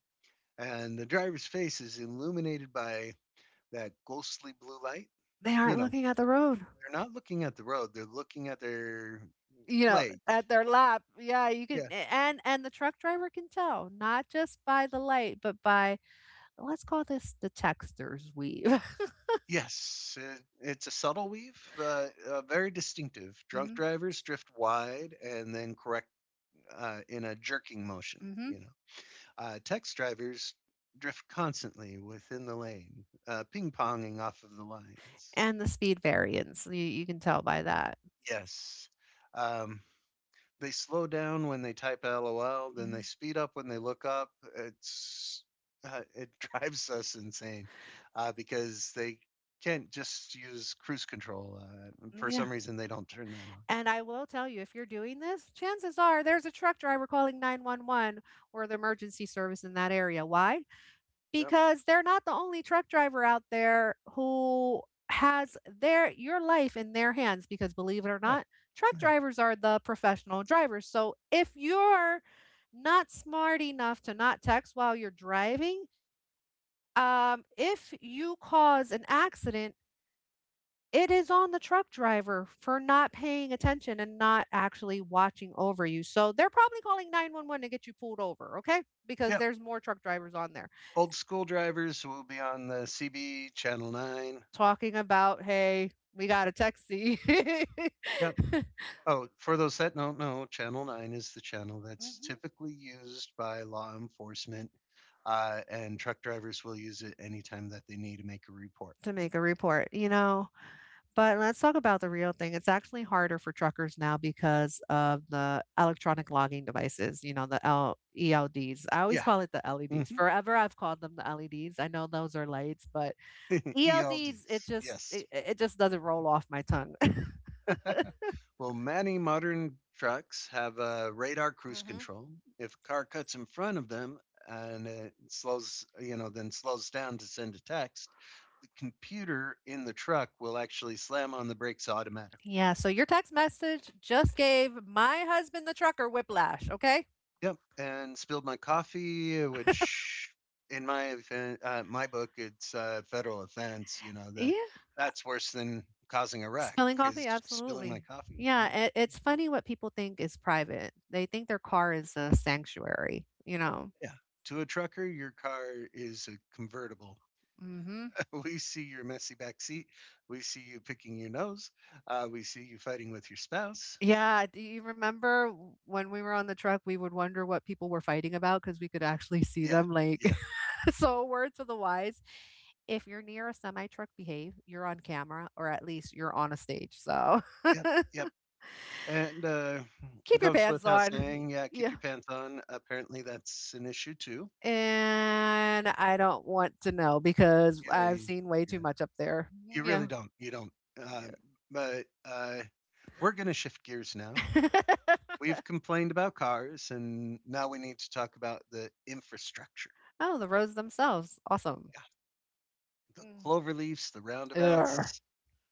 Speaker 1: and the driver's face is illuminated by that ghostly blue light.
Speaker 2: They
Speaker 1: You
Speaker 2: aren't
Speaker 1: know,
Speaker 2: looking at the road.
Speaker 1: they're not looking at the road; they're looking at their
Speaker 2: You know,
Speaker 1: legs.
Speaker 2: at their lap. Yeah, you can
Speaker 1: Yeah.
Speaker 2: and the truck driver can tell, not just by the light, but by let's call this the texter's weave.
Speaker 1: Yes, it's a subtle weave, very distinctive.
Speaker 2: [laughs]
Speaker 1: Drunk
Speaker 2: Hmm.
Speaker 1: drivers drift wide and then correct in a jerking motion.
Speaker 2: Hmm.
Speaker 1: You know. Text drivers drift constantly within the lane, ping ponging off of the lines.
Speaker 2: And the speed variance. You can tell by that.
Speaker 1: Yes. Um, they slow down when they type LOL, then they
Speaker 2: Hmm.
Speaker 1: speed up when they look up. It's it [laughs] drives us insane because they can't just use cruise control. For
Speaker 2: Yeah.
Speaker 1: some reason, they don't turn that on.
Speaker 2: And I will tell you, if you're doing this, chances are there's a truck driver calling 911 or the emergency service in that area. Why?
Speaker 1: Yep.
Speaker 2: Because they're not the only truck driver out there who has their your life in their hands because believe it or
Speaker 1: Yeah.
Speaker 2: not, truck
Speaker 1: Yeah.
Speaker 2: drivers are the professional drivers. So if you're not smart enough to not text while you're driving, if you cause an accident, it is on the truck driver for not paying attention and not actually watching over you. So they're probably calling 911 to get you pulled over, okay? Because
Speaker 1: Yep.
Speaker 2: there's more truck drivers on there
Speaker 1: Old school drivers will be on the CB channel nine.
Speaker 2: talking about, hey, we got a taxi. [laughs]
Speaker 1: Yep. Oh, for those that don't know, Channel 9 is the channel that's
Speaker 2: Mhm.
Speaker 1: typically used by law enforcement, and truck drivers will use it anytime that they need to make a report.
Speaker 2: To make a report, you know? But let's talk about the real thing. It's actually harder for truckers now because of the electronic logging devices, the ELDs. I always
Speaker 1: Yeah.
Speaker 2: call it the LEDs.
Speaker 1: Hmm.
Speaker 2: Forever I've called them the LEDs. I know those are lights, but ELDs, it
Speaker 1: ELDs. [laughs]
Speaker 2: just
Speaker 1: Yes.
Speaker 2: it, it just doesn't roll off my tongue. [laughs]
Speaker 1: Well, many modern trucks have a radar cruise
Speaker 2: hmm
Speaker 1: control. If a car cuts in front of them and it slows, you know, then slows down to send a text, the computer in the truck will actually slam on the brakes automatically.
Speaker 2: Yeah, so your text message just gave my husband the trucker whiplash, okay?
Speaker 1: Yep, and spilled my coffee, which in my book it's a federal offense. You know that
Speaker 2: Yeah.
Speaker 1: that's worse than causing a wreck
Speaker 2: Spilling coffee,
Speaker 1: is spilling
Speaker 2: absolutely.
Speaker 1: my coffee.
Speaker 2: Yeah,
Speaker 1: Mm.
Speaker 2: it's funny what people think is private. They think their car is a sanctuary.
Speaker 1: Yeah, to a trucker, your car is a convertible.
Speaker 2: hmm
Speaker 1: [laughs] we see your messy back seat. We see you picking your nose. We see you fighting with your spouse.
Speaker 2: Yeah, do you remember when we were on the truck, we would wonder what people were fighting about because we could actually see
Speaker 1: Yeah,
Speaker 2: them, like.
Speaker 1: yeah,
Speaker 2: [laughs] So, a word to the wise, if you're near a semi truck, behave. You're on camera, or at least you're on a stage. So,
Speaker 1: yep, yep. And
Speaker 2: [laughs]
Speaker 1: it
Speaker 2: keep your
Speaker 1: goes
Speaker 2: pants
Speaker 1: without
Speaker 2: on. [laughs]
Speaker 1: saying, yeah, keep
Speaker 2: Yeah.
Speaker 1: your pants on. Apparently, that's an issue too.
Speaker 2: And I don't want to know because
Speaker 1: Yeah,
Speaker 2: I've
Speaker 1: yeah,
Speaker 2: seen way too
Speaker 1: yeah.
Speaker 2: much up there.
Speaker 1: You really
Speaker 2: Yeah.
Speaker 1: don't. You don't. Um, but we're going to shift gears now.
Speaker 2: [laughs]
Speaker 1: We've complained about cars, and now we need to talk about the infrastructure.
Speaker 2: Oh, the roads themselves. Awesome.
Speaker 1: Yeah, the
Speaker 2: Mm.
Speaker 1: clover leaves, the
Speaker 2: Ugh.
Speaker 1: roundabouts,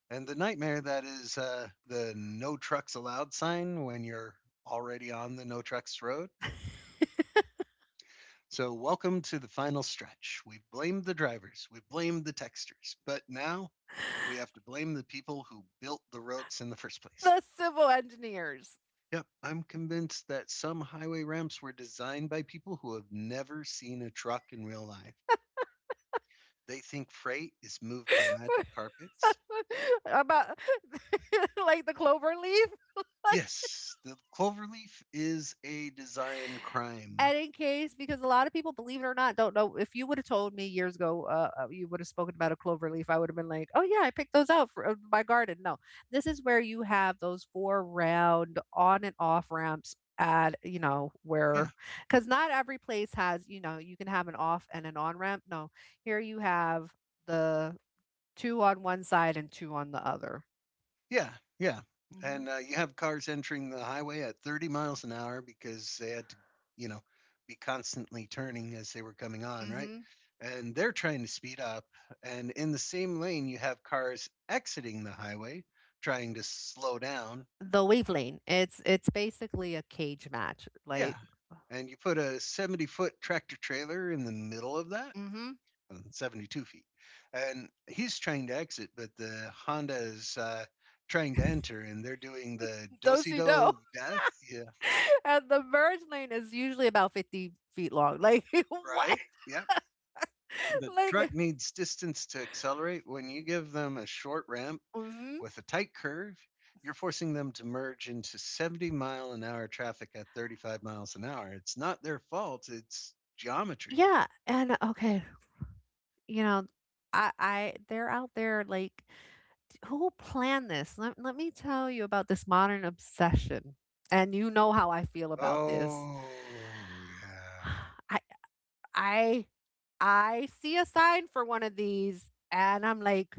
Speaker 1: and the nightmare that is the no trucks allowed sign when you're already on the no trucks road.
Speaker 2: [laughs]
Speaker 1: So, welcome to the final stretch. We've blamed the drivers, we've blamed the texters, but now we have to blame the people who built the roads in the first place.
Speaker 2: The civil engineers.
Speaker 1: Yep, I'm convinced that some highway ramps were designed by people who have never seen a truck in real life. They think freight is moved by magic carpets.
Speaker 2: [laughs] about [laughs] Like the clover leaf. [laughs]
Speaker 1: Yes, the cloverleaf is a design crime.
Speaker 2: And in case, because a lot of people, believe it or not, don't know. If you would have told me years ago, you would have spoken about a clover leaf. I would have been like, "Oh yeah, I picked those out for my garden." No, this is where you have those four round on and off ramps at you know
Speaker 1: Yeah.
Speaker 2: where because not every place has, you can have an off and an on ramp. No, here you have the two on one side and two on the other.
Speaker 1: Yeah, yeah.
Speaker 2: Mhm.
Speaker 1: And you have cars entering the highway at 30 miles an hour because they had to, you know, be constantly turning as they were coming on, right?
Speaker 2: Mhm.
Speaker 1: And they're trying to speed up. And in the same lane, you have cars exiting the highway trying to slow down.
Speaker 2: The wave lane. It's basically a cage match.
Speaker 1: Yeah.
Speaker 2: Like.
Speaker 1: And you put a 70-foot tractor trailer in the middle of that?
Speaker 2: Mhm.
Speaker 1: 72 feet. And he's trying to exit, but the Honda is trying to enter, and they're doing the
Speaker 2: Those
Speaker 1: do-si-do
Speaker 2: who know.
Speaker 1: of death. Yeah,
Speaker 2: [laughs] And the merge lane is usually about 50 feet long. Like, [laughs]
Speaker 1: right.
Speaker 2: what?
Speaker 1: Yep.
Speaker 2: [laughs]
Speaker 1: The truck
Speaker 2: Like,
Speaker 1: needs distance to accelerate. When you give them a short ramp
Speaker 2: mhm.
Speaker 1: with a tight curve, you're forcing them to merge into 70-mile an hour traffic at 35 miles an hour. It's not their fault, it's geometry.
Speaker 2: Yeah. And, okay, you know, they're out there like, who planned this? Let me tell you about this modern obsession. And you know how I feel about, Oh, this.
Speaker 1: Oh, yeah.
Speaker 2: [sighs] I, I, I see a sign for one of these and I'm like,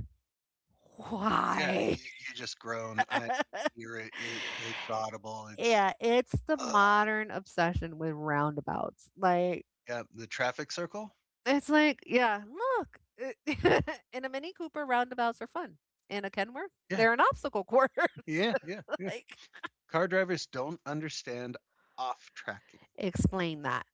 Speaker 1: Yeah, you
Speaker 2: why?
Speaker 1: you just groan. I
Speaker 2: [laughs]
Speaker 1: hear it. It's audible. It's
Speaker 2: Yeah, it's the
Speaker 1: [sighs] ugh,
Speaker 2: modern obsession with roundabouts. Like,
Speaker 1: yeah, the traffic circle.
Speaker 2: it's like, yeah, look. [laughs] And a Mini Cooper, roundabouts are fun. And a Kenworth,
Speaker 1: Yeah,
Speaker 2: they're an obstacle course.
Speaker 1: yeah, yeah,
Speaker 2: [laughs]
Speaker 1: yeah.
Speaker 2: Like,
Speaker 1: Car drivers don't understand off tracking.
Speaker 2: explain that.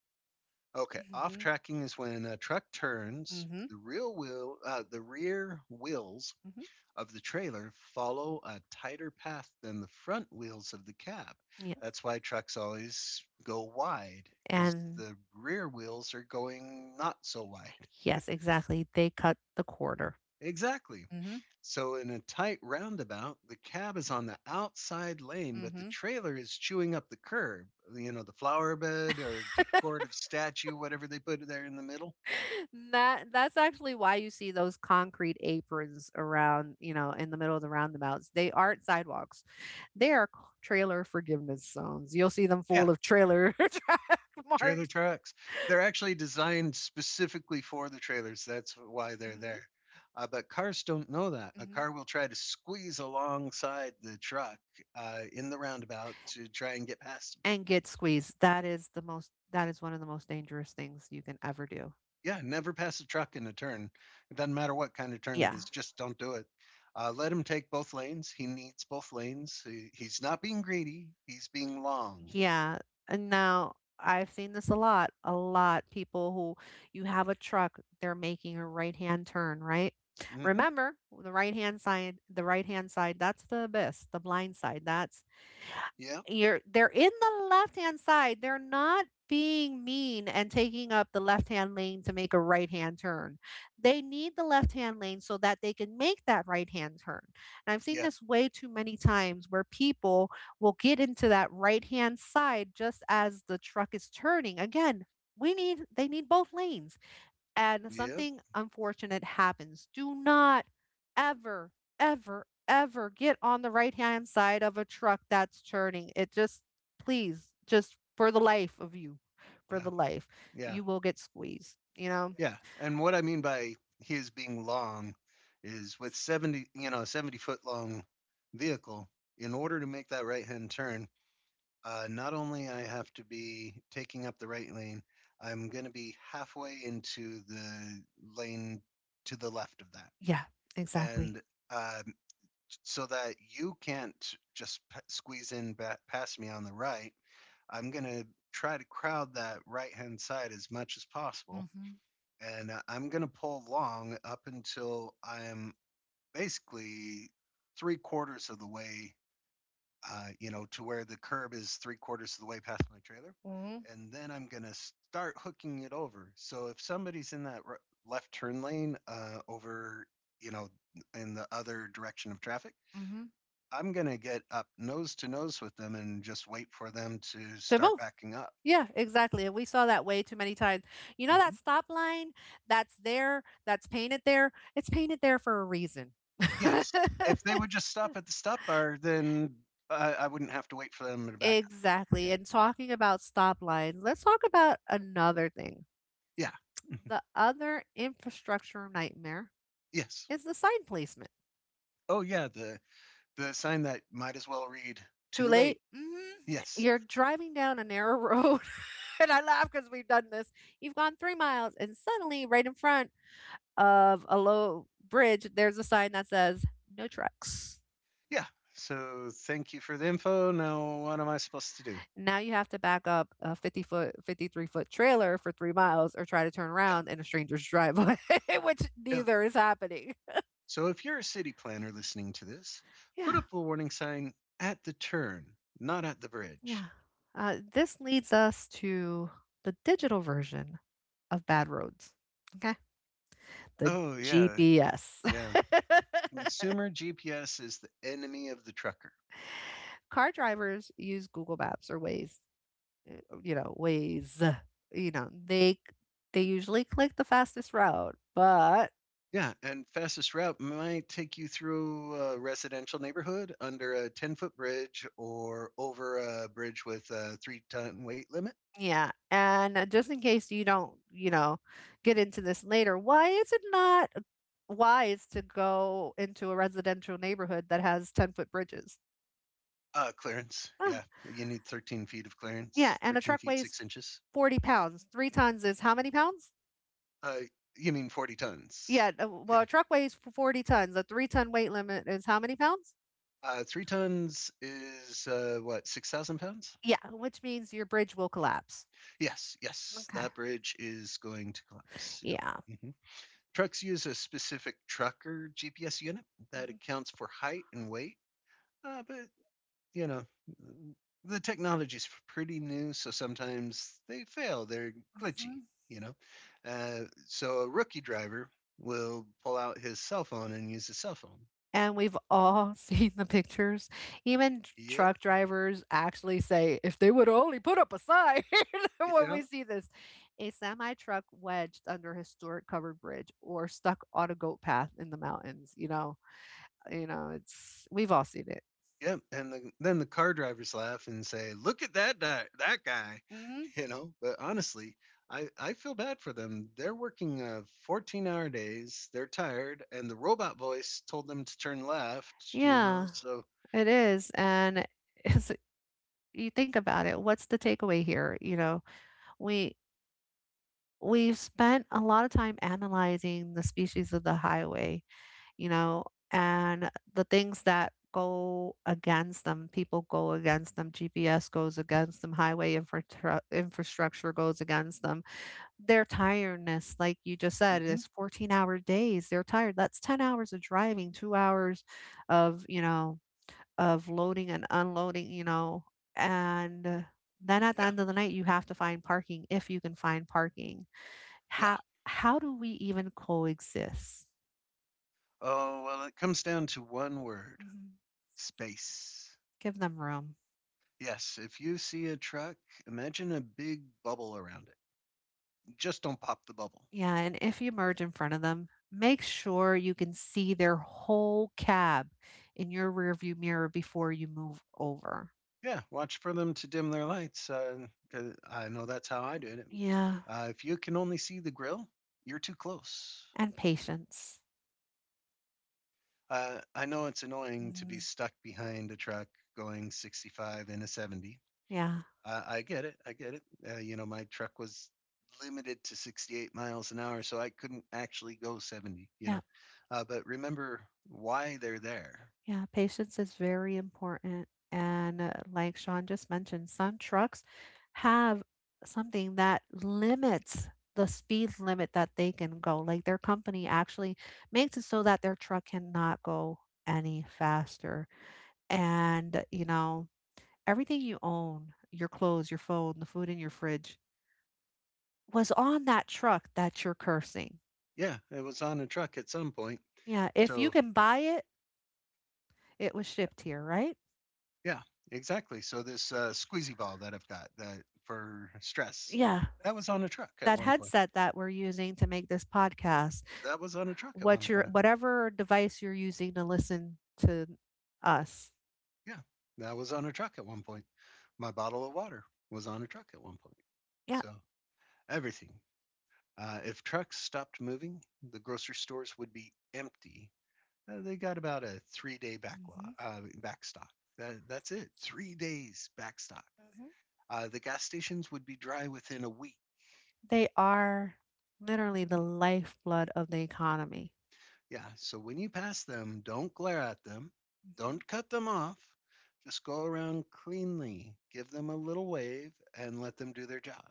Speaker 1: Okay,
Speaker 2: Mm
Speaker 1: off
Speaker 2: hmm.
Speaker 1: tracking is when a truck turns.
Speaker 2: Hmm.
Speaker 1: The rear wheels
Speaker 2: Hmm.
Speaker 1: of the trailer follow a tighter path than the front wheels of the cab.
Speaker 2: Yeah.
Speaker 1: That's why trucks always go wide because
Speaker 2: And
Speaker 1: the rear wheels are going not so wide. [laughs]
Speaker 2: yes, exactly. They cut the quarter.
Speaker 1: Exactly.
Speaker 2: Mm hmm.
Speaker 1: So, in a tight roundabout, the cab is on the outside lane,
Speaker 2: Mm
Speaker 1: but the
Speaker 2: hmm.
Speaker 1: trailer is chewing up the curb, you know, the flower bed or decorative statue, whatever they put there in the middle.
Speaker 2: [laughs] That's actually why you see those concrete aprons around, in the middle of the roundabouts. They aren't sidewalks. They are trailer forgiveness zones. You'll see them
Speaker 1: Yeah,
Speaker 2: full of trailer [laughs] track
Speaker 1: trailer
Speaker 2: marks.
Speaker 1: trucks. They're actually designed specifically for the trailers. That's why they're
Speaker 2: Mm-hmm.
Speaker 1: there. But cars don't know that. A
Speaker 2: hmm
Speaker 1: car will try to squeeze alongside the truck in the roundabout to try and get past.
Speaker 2: and get squeezed. That is one of the most dangerous things you can ever do.
Speaker 1: Yeah, never pass a truck in a turn. It doesn't matter what kind of turn it
Speaker 2: Yeah.
Speaker 1: is, just don't do it. Let him take both lanes. He needs both lanes. He's not being greedy. He's being long.
Speaker 2: Yeah. And now I've seen this a lot, a lot. People who You have a truck, they're making a right hand turn, right?
Speaker 1: Mm-hmm.
Speaker 2: Remember the right hand side, the right hand side, that's the abyss, the blind side. That's
Speaker 1: Yeah,
Speaker 2: you're they're in the left-hand side. They're not being mean and taking up the left-hand lane to make a right-hand turn. They need the left-hand lane so that they can make that right-hand turn. And I've seen
Speaker 1: yeah,
Speaker 2: this way too many times where people will get into that right-hand side just as the truck is turning. Again, we need they need both lanes and
Speaker 1: yeah,
Speaker 2: something unfortunate happens. Do not ever, ever, ever get on the right hand side of a truck that's turning. It just, please, just for the life of you, for
Speaker 1: yeah,
Speaker 2: the life,
Speaker 1: yeah,
Speaker 2: you will get squeezed, you know?
Speaker 1: yeah. And what I mean by he is being long is with 70, you know, a 70-foot long vehicle, in order to make that right hand turn, not only I have to be taking up the right lane, I'm going to be halfway into the lane to the left of that,
Speaker 2: Yeah, exactly.
Speaker 1: and um, so that you can't just squeeze in past me on the right. I'm going to try to crowd that right hand side as much as possible,
Speaker 2: Mm-hmm.
Speaker 1: and I'm going to pull long up until I'm basically three-quarters of the way, you know, to where the curb is three-quarters of the way past my trailer,
Speaker 2: Mm-hmm.
Speaker 1: and then I'm gonna start hooking it over. So if somebody's in that r left turn lane over, you know, in the other direction of traffic,
Speaker 2: Mm-hmm.
Speaker 1: I'm gonna get up nose to nose with them and just wait for them to start
Speaker 2: Fimo?
Speaker 1: backing up.
Speaker 2: Yeah, exactly. And we saw that way too many times. You know that
Speaker 1: Mhm.
Speaker 2: stop line that's there, that's painted there? It's painted there for a reason.
Speaker 1: Yes, if they would just
Speaker 2: [laughs]
Speaker 1: stop at the stop bar, then I wouldn't have to wait for them to back up.
Speaker 2: Exactly. And talking about stop lines, let's talk about another thing.
Speaker 1: Yeah, yeah, [laughs]
Speaker 2: The other infrastructure nightmare
Speaker 1: yes.
Speaker 2: is the sign placement.
Speaker 1: Oh yeah, the sign that might as well read
Speaker 2: Too
Speaker 1: "Too late."
Speaker 2: late?
Speaker 1: Yes.
Speaker 2: You're driving down a narrow road. [laughs] And I laugh because we've done this. You've gone 3 miles, and suddenly, right in front, of a low bridge, there's a sign that says no trucks.
Speaker 1: Yeah. So thank you for the info. Now, what am I supposed to do?
Speaker 2: Now you have to back up a 50 foot, 53-foot trailer for 3 miles or try to turn around in a stranger's driveway, [laughs] which
Speaker 1: Yeah. Yeah.
Speaker 2: neither is happening.
Speaker 1: So if you're a city planner listening to this, put
Speaker 2: Yeah,
Speaker 1: up a warning sign at the turn, not at the bridge.
Speaker 2: yeah. This leads us to the digital version of bad roads. Okay. The
Speaker 1: Oh, yeah.
Speaker 2: GPS.
Speaker 1: Yeah. Consumer GPS is the enemy of the trucker.
Speaker 2: [laughs] Car drivers use Google Maps or Waze, you know, they they usually click the fastest route. But
Speaker 1: Yeah. And fastest route might take you through a residential neighborhood under a 10-foot bridge or over a bridge with a three-ton weight limit.
Speaker 2: yeah, and just in case you don't, get into this later, why is it not wise to go into a residential neighborhood that has 10-foot bridges?
Speaker 1: Clearance. Yeah,
Speaker 2: Ah,
Speaker 1: you need 13 feet of
Speaker 2: yeah,
Speaker 1: clearance.
Speaker 2: and a
Speaker 1: 13
Speaker 2: truck
Speaker 1: feet six
Speaker 2: weighs
Speaker 1: inches.
Speaker 2: 40 pounds. 3 tons is how many pounds?
Speaker 1: Uh, you mean 40 tons?
Speaker 2: Yeah,
Speaker 1: Yeah.
Speaker 2: well, a truck weighs 40 tons. A 3-ton weight limit is how many pounds?
Speaker 1: Three tons is what, 6,000 pounds?
Speaker 2: Yeah, which means your bridge will collapse.
Speaker 1: Yes, yes.
Speaker 2: Okay.
Speaker 1: That bridge is going to collapse.
Speaker 2: Yeah.
Speaker 1: Yep. Hmm. Trucks use a specific trucker GPS unit that accounts for height and weight, but you know, the technology's pretty new, so sometimes they fail. They're glitchy, you know. So a rookie driver will pull out his cell phone and use his cell phone.
Speaker 2: And we've all [laughs] seen the pictures. Even
Speaker 1: Yeah,
Speaker 2: truck drivers actually say, if they would only put up a sign [laughs] when
Speaker 1: yeah,
Speaker 2: we see this, a semi truck wedged under historic covered bridge or stuck on a goat path in the mountains. You know, it's we've all seen it.
Speaker 1: yeah. And then the car drivers laugh and say, "Look at that guy,"
Speaker 2: hmm
Speaker 1: [laughs] you know. But honestly, I feel bad for them. They're working 14-hour days. They're tired, and the robot voice told them to turn left. You know,
Speaker 2: Yeah,
Speaker 1: so
Speaker 2: it is. And it's, you think about it, what's the takeaway here? We we've spent a lot of time analyzing the species of the highway, you know, and the things that go against them, people go against them, GPS goes against them, highway infrastructure goes against them. Their tiredness, like you just said,
Speaker 1: mhm,
Speaker 2: is 14-hour days. They're tired. That's 10 hours of driving, 2 hours of, you know, of loading and unloading, and then at the
Speaker 1: yeah,
Speaker 2: end of the night you have to find parking if you can find parking.
Speaker 1: yeah.
Speaker 2: How how do we even coexist?
Speaker 1: Oh, well, it comes down to one word:
Speaker 2: Mhm.
Speaker 1: space.
Speaker 2: Give them room.
Speaker 1: Yes, if you see a truck, imagine a big bubble around it. Just don't pop the bubble.
Speaker 2: Yeah, and if you merge in front of them, make sure you can see their whole cab in your rearview mirror before you move over.
Speaker 1: Yeah, watch for them to dim their lights. 'Cause I know that's how I did it.
Speaker 2: Yeah,
Speaker 1: If you can only see the grill, you're too close.
Speaker 2: and patience.
Speaker 1: I know it's annoying to
Speaker 2: Mhm.
Speaker 1: be stuck behind a truck going 65 in a 70.
Speaker 2: Yeah,
Speaker 1: I get it. I get it. You know, my truck was limited to 68 miles an hour, so I couldn't actually go 70, you
Speaker 2: yeah,
Speaker 1: know. But remember why they're there.
Speaker 2: yeah. Patience is very important. And like Sean just mentioned, some trucks have something that limits the speed limit that they can go. Like, their company actually makes it so that their truck cannot go any faster. And, everything you own, your clothes, your phone, the food in your fridge, was on that truck that you're cursing.
Speaker 1: Yeah, it was on a truck at some point.
Speaker 2: Yeah, if you
Speaker 1: So,
Speaker 2: can buy it, it was shipped here, right?
Speaker 1: yeah, exactly. So, this squeezy ball that I've got that for stress,
Speaker 2: Yeah.
Speaker 1: that was on a truck at
Speaker 2: That
Speaker 1: one point.
Speaker 2: headset that we're using to make this podcast,
Speaker 1: That was on a truck at one point.
Speaker 2: whatever device you're using to listen to us.
Speaker 1: Yeah, that was on a truck at one point. My bottle of water was on a truck at one point.
Speaker 2: Yeah.
Speaker 1: So, everything. If trucks stopped moving, the grocery stores would be empty. They got about a 3 day backlog,
Speaker 2: hmm
Speaker 1: backstock. That's it, 3 days backstock.
Speaker 2: hmm
Speaker 1: The gas stations would be dry within a week.
Speaker 2: They are literally the lifeblood of the economy.
Speaker 1: Yeah, so when you pass them, don't glare at them,
Speaker 2: Mhm.
Speaker 1: don't cut them off. Just go around cleanly, give them a little wave, and let them do their job.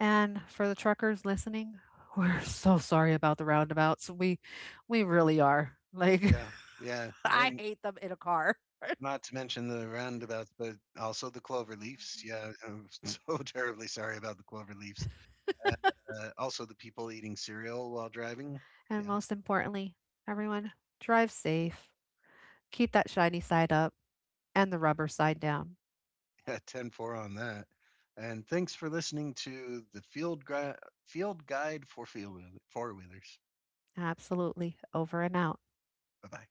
Speaker 2: And for the truckers listening, [laughs] we're so sorry about the roundabouts. We really are. Like,
Speaker 1: Yeah, yeah,
Speaker 2: [laughs] I
Speaker 1: and
Speaker 2: hate them in a car.
Speaker 1: not to mention the roundabouts, but also the clover leaves.
Speaker 2: Mhm.
Speaker 1: Yeah, I'm [laughs] so terribly sorry about the clover leaves. Uh, Also, the people eating cereal while driving.
Speaker 2: And
Speaker 1: Yeah,
Speaker 2: most importantly, everyone, drive safe. Keep that shiny side up and the rubber side down.
Speaker 1: [laughs] yeah, 10 four on that. And thanks for listening to the Field, Gui- field Guide for Four Wheelers.
Speaker 2: Absolutely. Over and out.
Speaker 1: Bye bye.